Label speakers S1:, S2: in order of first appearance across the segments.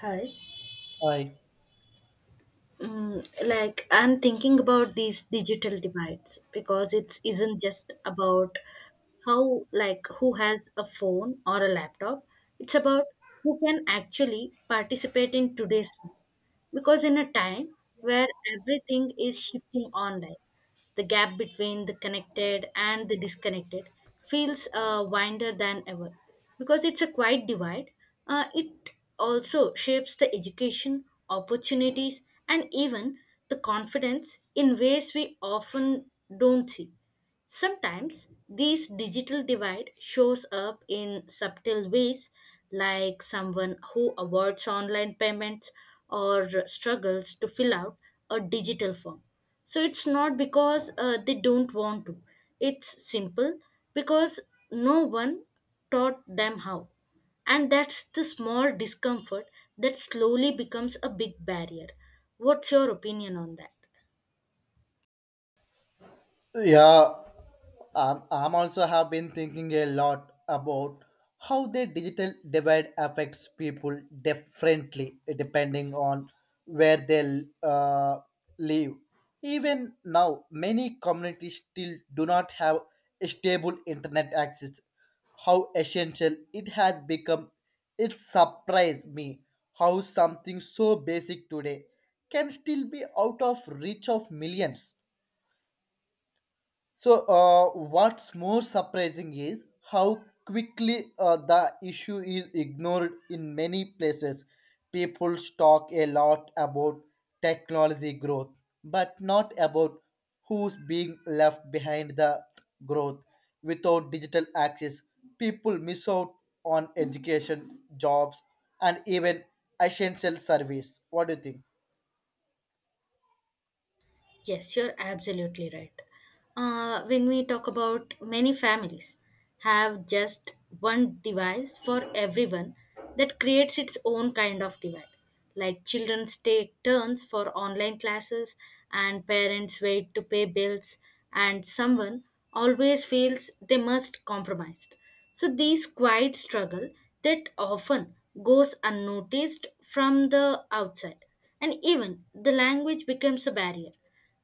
S1: Hi.
S2: I
S1: Like I'm thinking about these digital divides because it isn't just about how, like, who has a phone or a laptop. It's about who can actually participate in today's. Because in a time where everything is shifting online, the gap between the connected and the disconnected feels wider than ever. Because it's a quiet divide, it also shapes the education, opportunities, and even the confidence in ways we often don't see. Sometimes this digital divide shows up in subtle ways, like someone who avoids online payments or struggles to fill out a digital form. So it's not because they don't want to, it's simple because no one taught them how. And that's the small discomfort that slowly becomes a big barrier. What's your opinion on that?
S2: yeah, I'm also have been thinking a lot about how the digital divide affects people differently depending on where they live. Even now, many communities still do not have stable internet access. How essential it has become! It surprised me how something so basic today can still be out of reach of millions. What's more surprising is how quickly the issue is ignored in many places. People talk a lot about technology growth, but not about who's being left behind the growth. Without digital access, people miss out on education, jobs, and even essential service. What do you think?
S1: Yes, you're absolutely right. When we talk about many families have just one device for everyone, that creates its own kind of divide. Like children take turns for online classes, and parents wait to pay bills, and someone always feels they must compromise. So these quiet struggle that often goes unnoticed from the outside, and even the language becomes a barrier,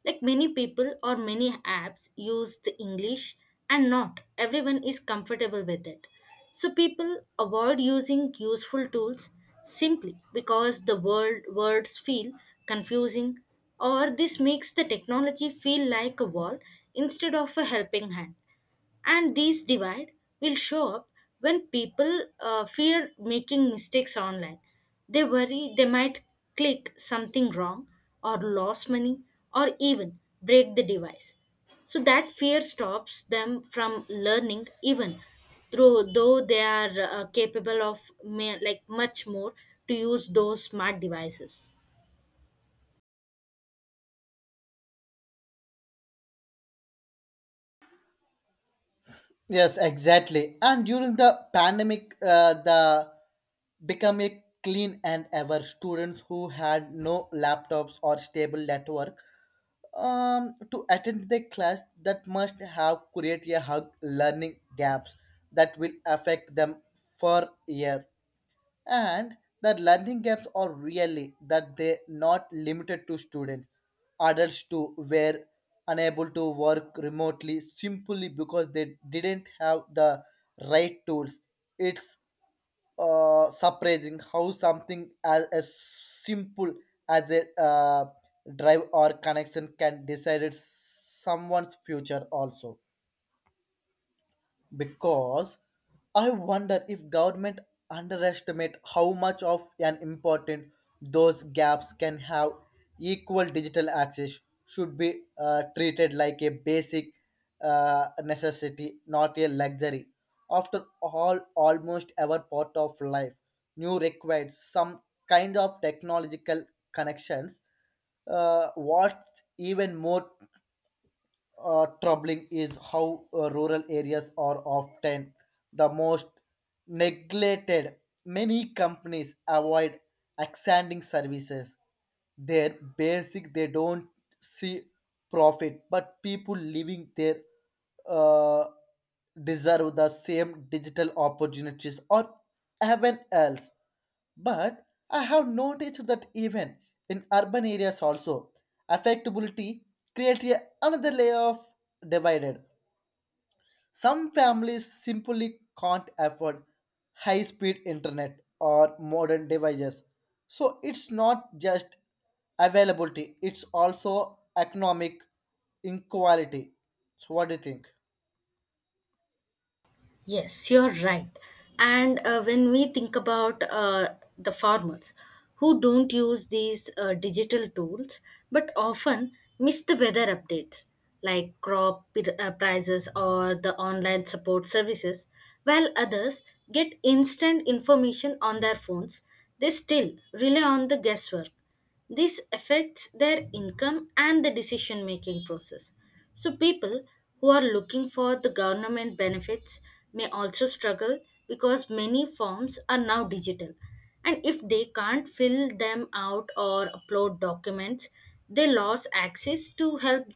S1: like many people or many apps use the English, and not everyone is comfortable with it. So people avoid using useful tools simply because the words feel confusing, or this makes the technology feel like a wall instead of a helping hand. And these divide will show up when people fear making mistakes online. They worry they might click something wrong, or lose money, or even break the device, so that fear stops them from learning, even through though they are capable of like much more, to use those smart devices.
S2: Yes, exactly. And during the pandemic, the become a clean and ever students who had no laptops or stable network to attend the class that must have created a hug learning gaps that will affect them for year. And the learning gaps are really that they not limited to students, adults too were unable to work remotely simply because they didn't have the right tools. It's surprising how something as simple as a drive or connection can decide someone's future also, because I wonder if government underestimate how much of an important those gaps can have. Equal digital access should be treated like a basic necessity, not a luxury. After all, almost every part of life, new requires some kind of technological connections. Uh, what's even more troubling is how rural areas are often the most neglected. Many companies avoid expanding services. They're basic, they don't see profit, but people living there uh, deserve the same digital opportunities or even else. But I have noticed that even in urban areas also, affectability creates another layer of divided. Some families simply can't afford high speed internet or modern devices. So it's not just availability, it's also economic inequality. So, what do you think?
S1: Yes, you're right. And when we think about the farmers who don't use these digital tools but often miss the weather updates, like crop prices or the online support services, while others get instant information on their phones. They still rely on the guesswork. This affects their income and the decision making process. So, people who are looking for the government benefits may also struggle because many forms are now digital. And if they can't fill them out or upload documents, they lose access to help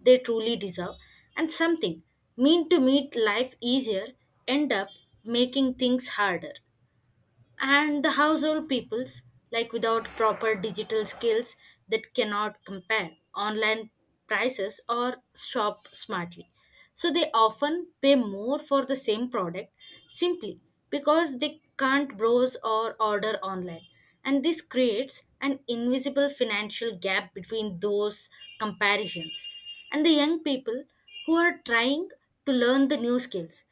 S1: they truly deserve. And something mean to make life easier end up making things harder. And the household peoples, like without proper digital skills, that cannot compare online prices or shop smartly, so they often pay more for the same product, simply because they can't browse or order online. And this creates an invisible financial gap between those comparisons and the young people who are trying to learn the new skills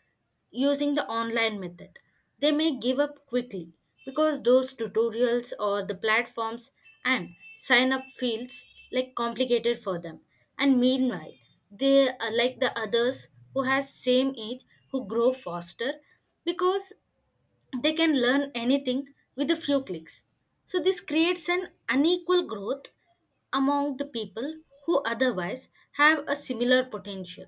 S1: using the online method. They may give up quickly because those tutorials or the platforms and sign up fields like complicated for them. And meanwhile, they are like the others who has same age, who grow faster because they can learn anything with a few clicks. So, this creates an unequal growth among the people who otherwise have a similar potential.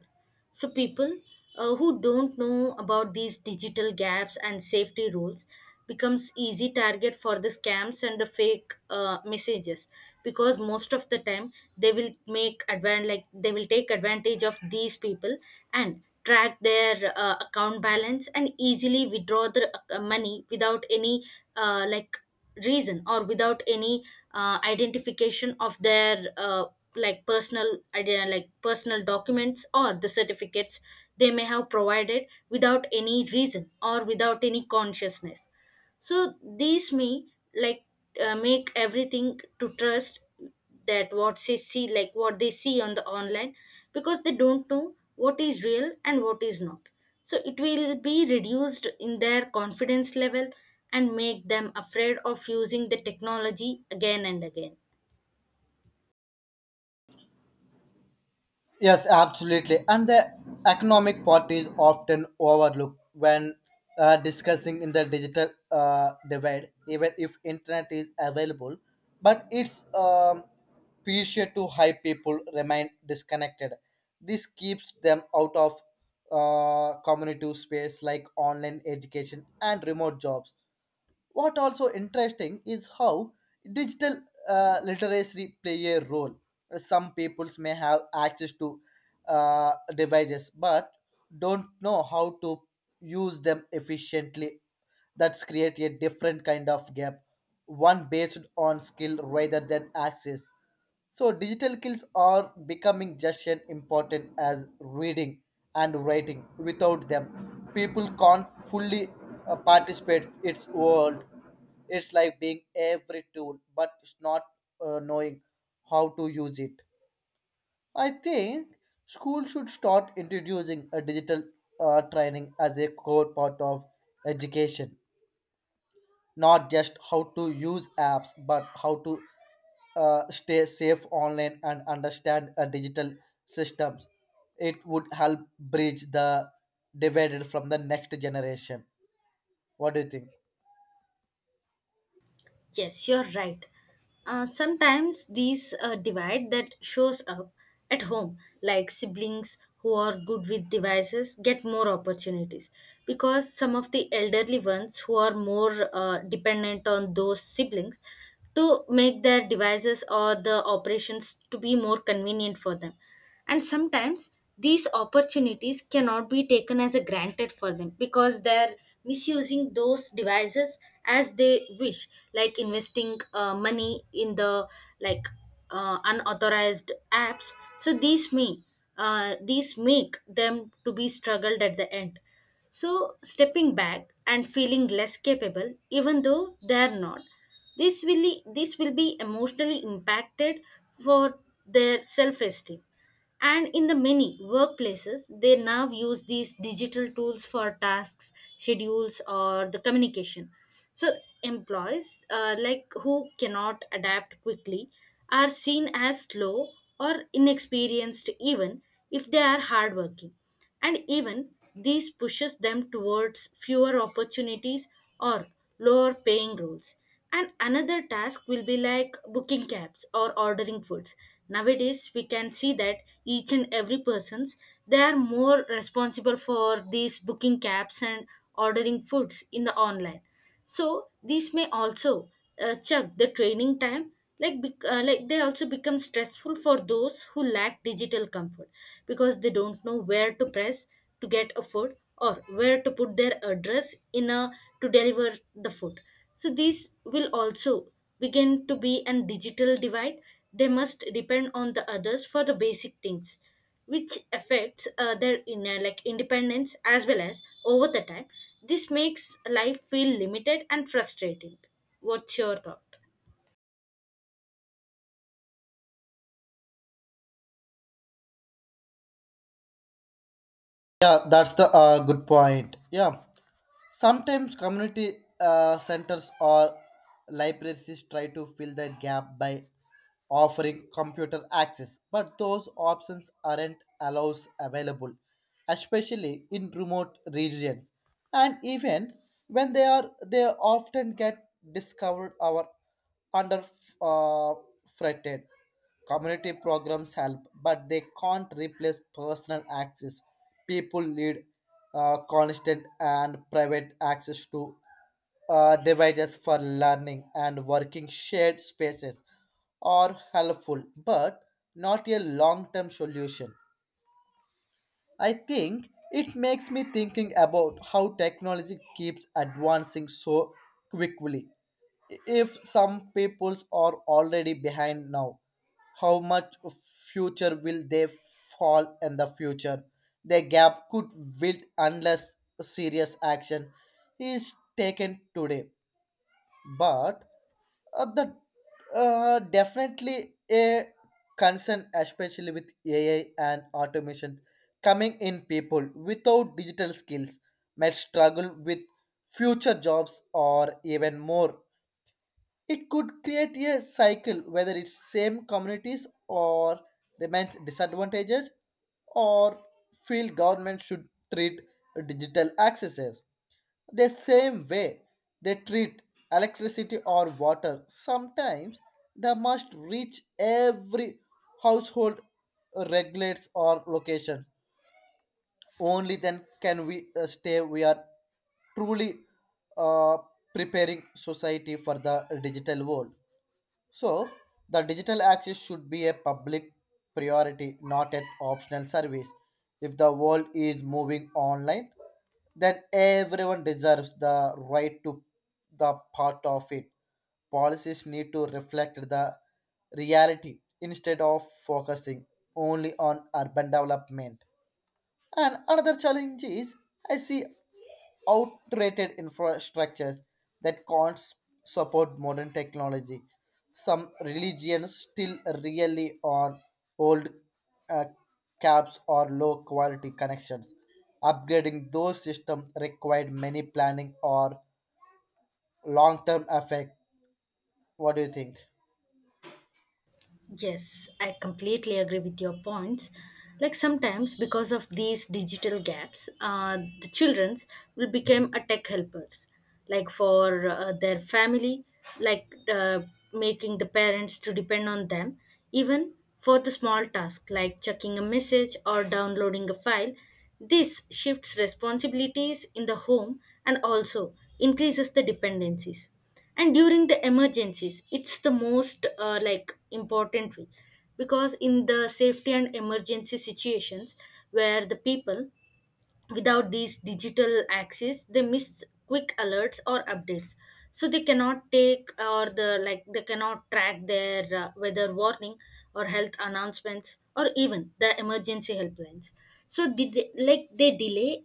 S1: So, people who don't know about these digital gaps and safety rules becomes easy target for the scams and the fake messages, because most of the time they will take advantage of these people, and track their account balance, and easily withdraw the money without any uh, like reason, or without any identification of their like personal idea like personal documents or the certificates they may have provided without any reason or without any consciousness. So these may like make everything to trust that what they see on the online, because they don't know what is real and what is not. So it will be reduced in their confidence level and make them afraid of using the technology again and again.
S2: Yes, absolutely. And the economic part is often overlooked when discussing in the digital divide, even if internet is available. But it's crucial to high people remain disconnected. This keeps them out of community space like online education and remote jobs. What also interesting is how digital literacy play a role. Some peoples may have access to devices but don't know how to use them efficiently. That's create a different kind of gap, one based on skill rather than access. So digital skills are becoming just as important as reading and writing. Without them, people can't fully participate its world. It's like being every tool, but it's not knowing how to use it. I think schools should start introducing a digital training as a core part of education, not just how to use apps but how to stay safe online and understand digital systems. It would help bridge the divided from the next generation. What do you think?
S1: Yes, you're right. Sometimes these divide that shows up at home, like siblings who are good with devices, get more opportunities, because some of the elderly ones who are more dependent on those siblings to make their devices or the operations to be more convenient for them. And sometimes these opportunities cannot be taken as a granted for them, because they're misusing those devices as they wish, like investing money in the, like unauthorized apps. So these may these make them to be struggled at the end. So stepping back and feeling less capable, even though they are not, this will this will be emotionally impacted for their self esteem. And in the many workplaces, they now use these digital tools for tasks, schedules, or the communication. So, employees, like who cannot adapt quickly, are seen as slow or inexperienced, even if they are hardworking. And even these pushes them towards fewer opportunities or lower paying roles. And another task will be like booking cabs or ordering foods. Nowadays we can see that each and every persons, they are more responsible for these booking cabs and ordering foods in the online. So these may also check the training time, like they also become stressful for those who lack digital comfort, because they don't know where to press to get a food, or where to put their address in a to deliver the food. So these will also begin to be an digital divide. They must depend on the others for the basic things, which affects their inner, like independence, as well as over the time. This makes life feel limited and frustrating. What's your thought?
S2: Yeah, that's the good point. Yeah. Sometimes community centers or libraries try to fill the gap by offering computer access, but those options aren't allows available, especially in remote regions. And even when they are, they often get discovered or under uh, fretted. Community programs help, but they can't replace personal access. People need constant and private access to devices for learning and working. Shared spaces are helpful, but not a long term solution. I think it makes me thinking about how technology keeps advancing so quickly. If some peoples are already behind now, how much future will they fall in the future? The gap could build unless serious action is taken today. But that definitely a concern, especially with AI and automation coming in. People without digital skills might struggle with future jobs or even more. It could create a cycle whether it's same communities or remains disadvantaged, or feel government should treat digital access as the same way they treat electricity or water sometimes. They must reach every household, regulates or location. Only then can we stay we are truly uh, preparing society for the digital world. So, the digital access should be a public priority, not an optional service. If the world is moving online, then everyone deserves the right to the part of it. Policies need to reflect the reality instead of focusing only on urban development. And another challenge is I see outdated infrastructures that can't s- support modern technology. Some religions still really on old uh, caps or low quality connections. Upgrading those systems required many planning or long term effect. What do you think?
S1: Yes, I completely agree with your points. Like sometimes, because of these digital gaps, the childrens will become a tech helpers, like for their family, like making the parents to depend on them, even for the small task like checking a message or downloading a file. This shifts responsibilities in the home, and also increases the dependencies. And during the emergencies, it's the most like important way, because in the safety and emergency situations where the people without these digital access, they miss quick alerts or updates. So they cannot track their weather warning or health announcements or even the emergency helplines. So did they, like they delay,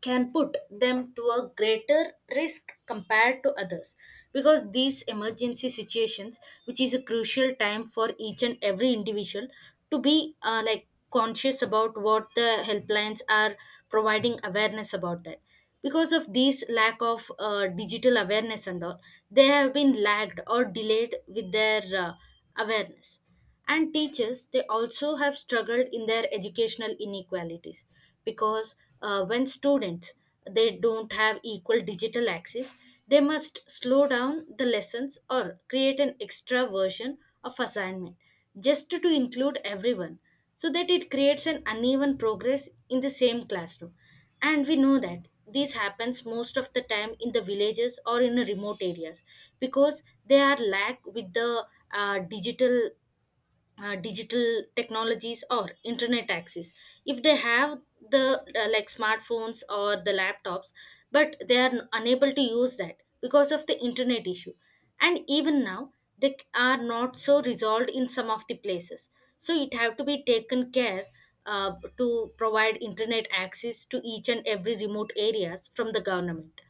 S1: can put them to a greater risk compared to others, because these emergency situations, which is a crucial time for each and every individual to be like conscious about what the helplines are providing awareness about that. Because of this lack of digital awareness and all, they have been lagged or delayed with their awareness. And teachers, they also have struggled in their educational inequalities, because when students, they don't have equal digital access, they must slow down the lessons or create an extra version of assignment just to include everyone. So that it creates an uneven progress in the same classroom. And we know that this happens most of the time in the villages or in the remote areas, because they are lack with the uh, digital digital technologies or internet access. If they have the like smartphones or the laptops, but they are unable to use that because of the internet issue. And even now, they are not so resolved in some of the places. So it have to be taken care, to provide internet access to each and every remote areas from the government.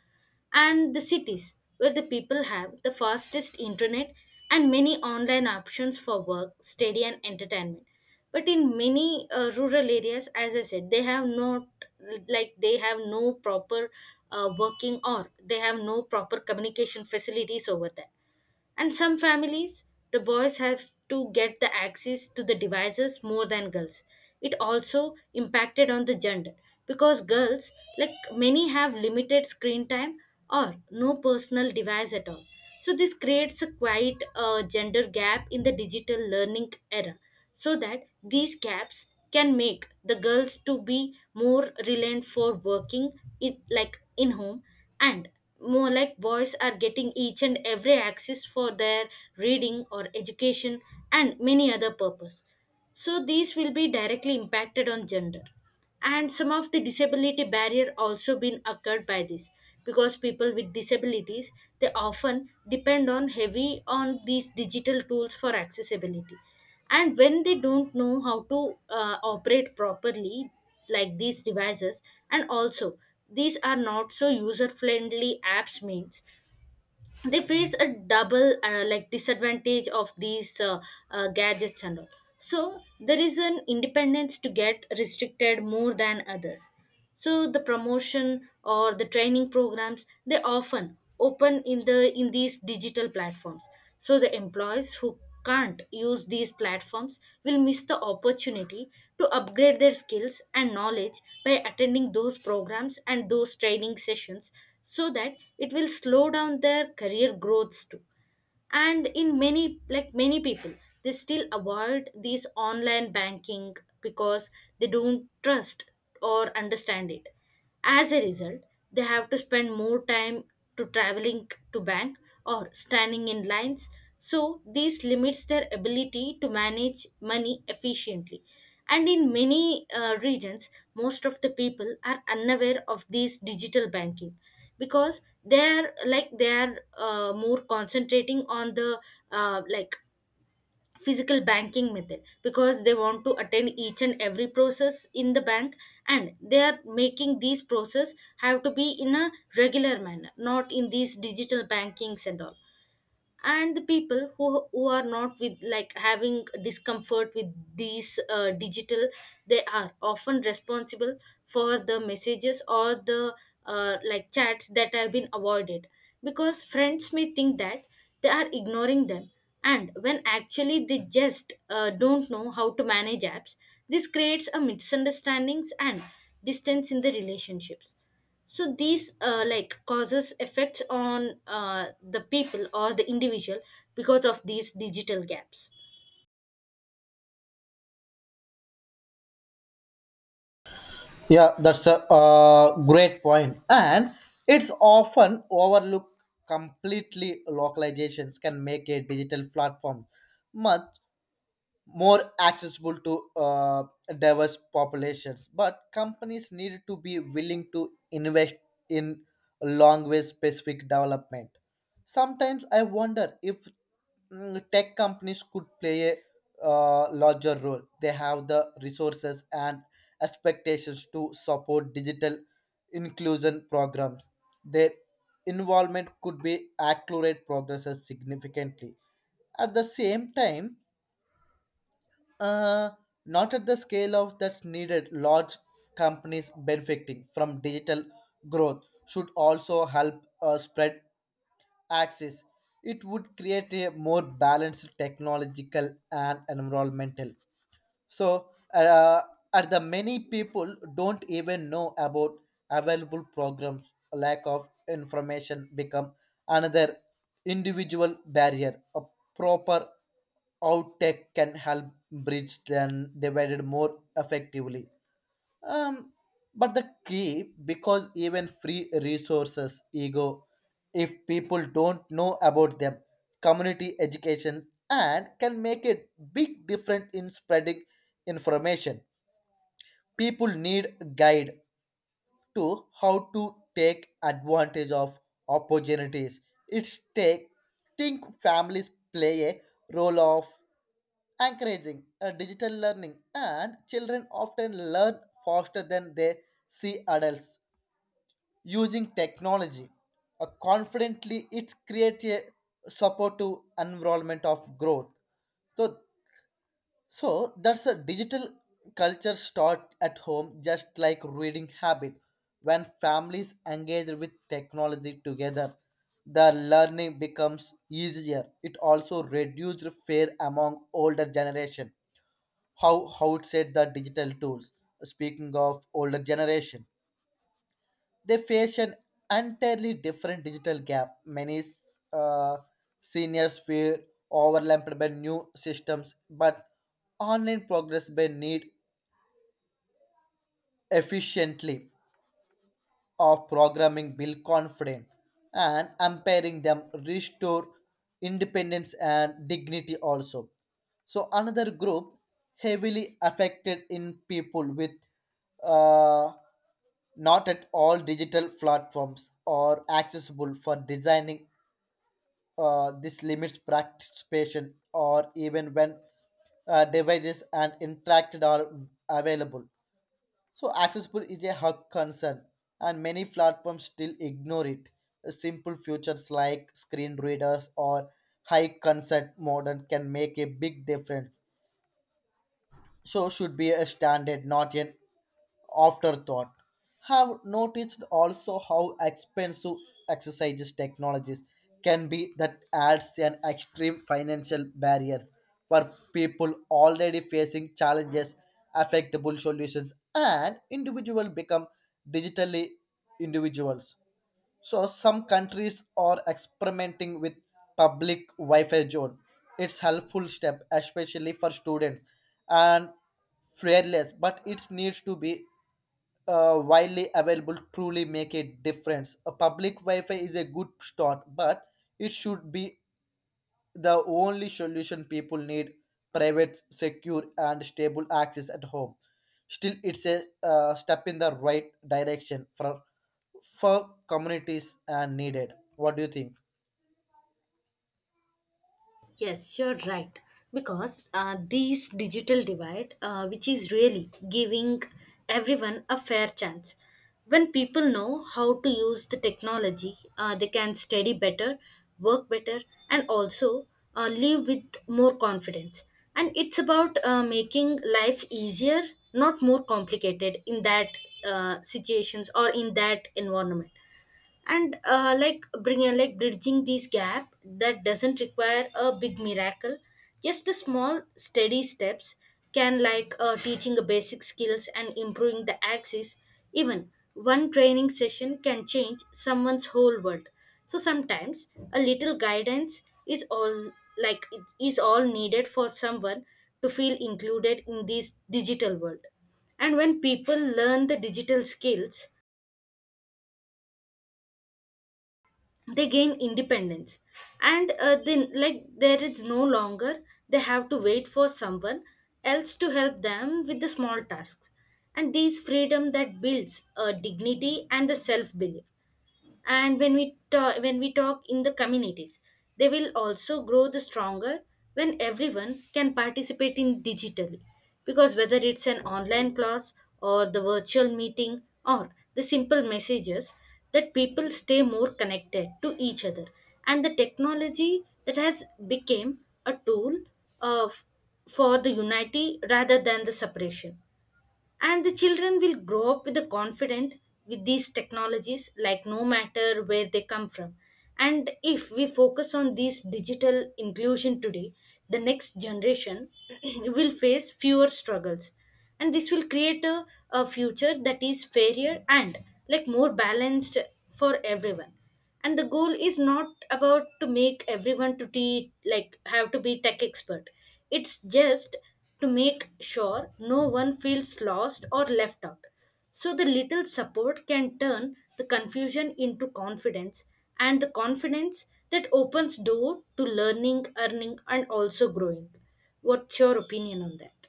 S1: And the cities where the people have the fastest internet and many online options for work, study, and entertainment. But in many rural areas, as I said, they have not, like they have no proper communication facilities over there. And some families, the boys have to get the access to the devices more than girls. It also impacted on the gender, because girls, like many, have limited screen time or no personal device at all. So this creates a quite gender gap in the digital learning era, so that these gaps can make the girls to be more reliant for working it, like in home. And more like boys are getting each and every access for their reading or education and many other purpose. So these will be directly impacted on gender. And some of the disability barrier also been occurred by this because people with disabilities they often depend on heavy on these digital tools for accessibility, and when they don't know how to operate properly like these devices, and also these are not so user friendly apps means they face a double like disadvantage of these gadgets and all. So there is an independence to get restricted more than others. So the promotion or the training programs they often open in these digital platforms, so the employees who can't use these platforms will miss the opportunity to upgrade their skills and knowledge by attending those programs and those training sessions, so that it will slow down their career growths too. And in many many people, they still avoid these online banking because they don't trust or understand it. As a result, they have to spend more time to traveling to bank or standing in lines. So this limits their ability to manage money efficiently. And in many regions, most of the people are unaware of this digital banking because they're more concentrating on the like physical banking method, because they want to attend each and every process in the bank, and they are making these process have to be in a regular manner, not in these digital bankings and all. And the people who are not with like having discomfort with these digital, they are often responsible for the messages or the like chats that have been avoided, because friends may think that they are ignoring them, and when actually they just don't know how to manage apps. This creates a misunderstandings and distance in the relationships. So these like causes effects on the people or the individual because of these digital gaps.
S2: Yeah, that's a great point. And it's often overlooked completely. Localizations can make a digital platform much more accessible to diverse populations, but companies need to be willing to invest in long way specific development. Sometimes I wonder if tech companies could play a larger role. They have the resources and expectations to support digital inclusion programs. Their involvement could be accelerate progresses significantly. At the same time, uh, not at the scale of that's needed. Large companies benefiting from digital growth should also help spread access. It would create a more balanced technological and environmental. So and the many people don't even know about available programs. Lack of information become another individual barrier. A proper outtake can help bridge than divided more effectively. Um, but the key, because even free resources, ego, if people don't know about them, community education and can make a big difference in spreading information. People need guide to how to take advantage of opportunities. It's take think families play a role of encouraging digital learning, and children often learn faster than they see adults using technology confidently. It creates a supportive environment of growth. So so that's a digital culture start at home, just like reading habit. When families engage with technology together, the learning becomes easier. It also reduced fear among older generation. How it said the digital tools. Speaking of older generation, they face an entirely different digital gap. Many uh, seniors feel overlapped by new systems, but online progress may need efficiently of programming build confidence and empowering them restore independence and dignity also. So another group heavily affected in people with uh, not at all digital platforms or accessible for designing. Uh, this limits participation or even when devices and interacted are available. So accessible is a hot concern, and many platforms still ignore it. Simple features like screen readers or high consent modern can make a big difference, so should be a standard, not an afterthought. Have noticed also how expensive exercises technologies can be. That adds an extreme financial barriers for people already facing challenges, affectable solutions, and individual become digitally individuals. So some countries are experimenting with public Wi-Fi zone. It's helpful step, especially for students, and fearless. But it needs to be widely available. Truly make a difference. A public Wi-Fi is a good start, but it should be the only solution. People need private, secure, and stable access at home. Still, it's a step in the right direction for communities are needed. What do you think?
S1: Yes, you're right. Because this digital divide, which is really giving everyone a fair chance. When people know how to use the technology, they can study better, work better, and also live with more confidence. And it's about making life easier, not more complicated in that situations or in that environment. And like bring like bridging this gap that doesn't require a big miracle, just a small steady steps can like teaching the basic skills and improving the axis. Even one training session can change someone's whole world. So sometimes a little guidance is all, needed for someone to feel included in this digital world. And when people learn the digital skills, they gain independence, and then like there is no longer they have to wait for someone else to help them with the small tasks. And these freedom that builds a dignity and the self belief. And when we talk in the communities, they will also grow the stronger when everyone can participate in digitally, because whether it's an online class or the virtual meeting or the simple messages, that people stay more connected to each other. And the technology that has become a tool of for the unity rather than the separation. And the children will grow up with the confident with these technologies, like no matter where they come from. And if we focus on these digital inclusion today, the next generation will face fewer struggles, and this will create a future that is fairer and like more balanced for everyone. And the goal is not about to make everyone to be like have to be tech expert, it's just to make sure no one feels lost or left out. So the little support can turn the confusion into confidence, and the confidence that opens door to learning earning and also growing. What's your opinion on that?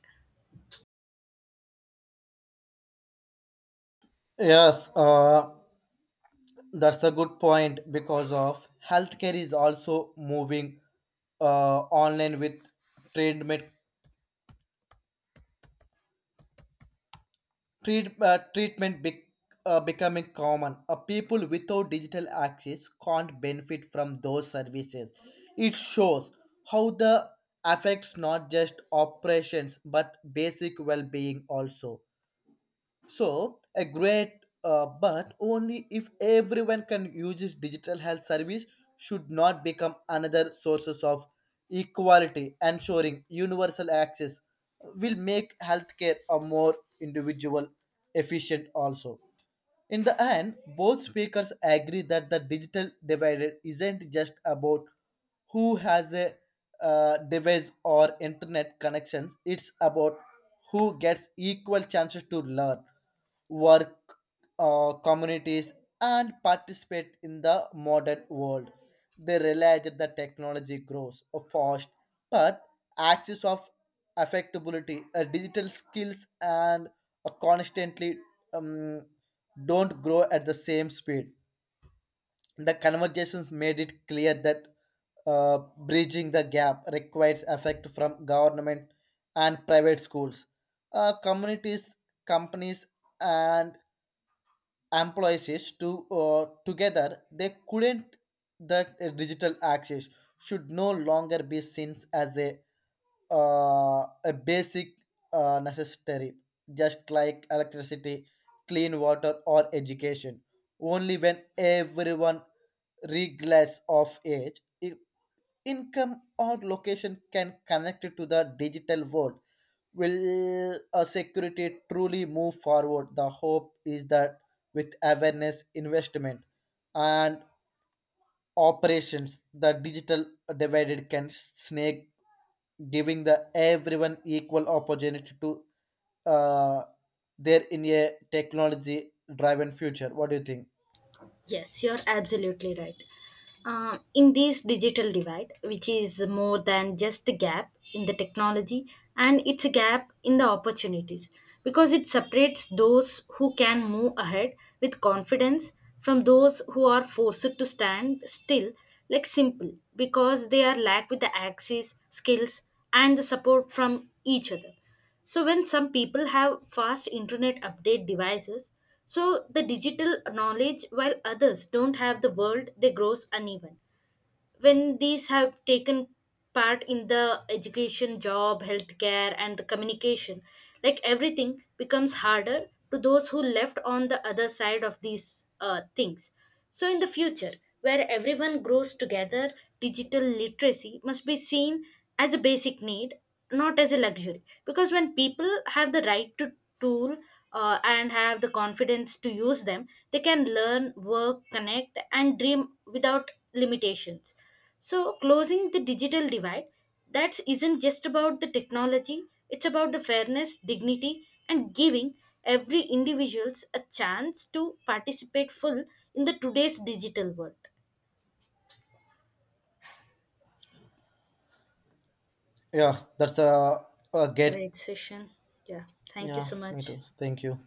S2: Yes, that's a good point because of healthcare is also moving online with treatment treatment becoming common. People without digital access can't benefit from those services. It shows how the affects not just operations but basic well-being also. So a great, but only if everyone can use this digital health service, should not become another sources of equality. Ensuring universal access will make healthcare a more individual, efficient also. In the end, both speakers agree that the digital divide isn't just about who has a device or internet connections, it's about who gets equal chances to learn, work, communities, and participate in the modern world. They realize that the technology grows fast, but axis of affectability, digital skills, and a constantly um, don't grow at the same speed. The conversations made it clear that bridging the gap requires effort from government and private schools, communities, companies, and employees to together. They couldn't that digital access should no longer be seen as a basic necessity, just like electricity, clean water, or education. Only when everyone, regardless of age, income, or location, can connect to the digital world, will a security truly move forward. The hope is that with awareness, investment, and operations, the digital divided can snake, giving the everyone equal opportunity to uh, there in a technology driven future. What do you think?
S1: Yes, you're absolutely right. In this digital divide, which is more than just a gap in the technology, and it's a gap in the opportunities, because it separates those who can move ahead with confidence from those who are forced to stand still, like simple, because they are lack with the access, skills, and the support from each other. So when some people have fast internet update devices, so the digital knowledge while others don't have the world they grows uneven. When these have taken part in the education, job, healthcare and the communication, like everything becomes harder to those who left on the other side of these things. So in the future, where everyone grows together, digital literacy must be seen as a basic need, not as a luxury. Because when people have the right to tool and have the confidence to use them, they can learn, work, connect, and dream without limitations. So closing the digital divide, that isn't just about the technology. It's about the fairness, dignity, and giving every individuals a chance to participate full in the today's digital world.
S2: Yeah, that's a get.
S1: Great session. Yeah. Thank you
S2: Yeah,
S1: so
S2: me
S1: much.
S2: too. Thank you.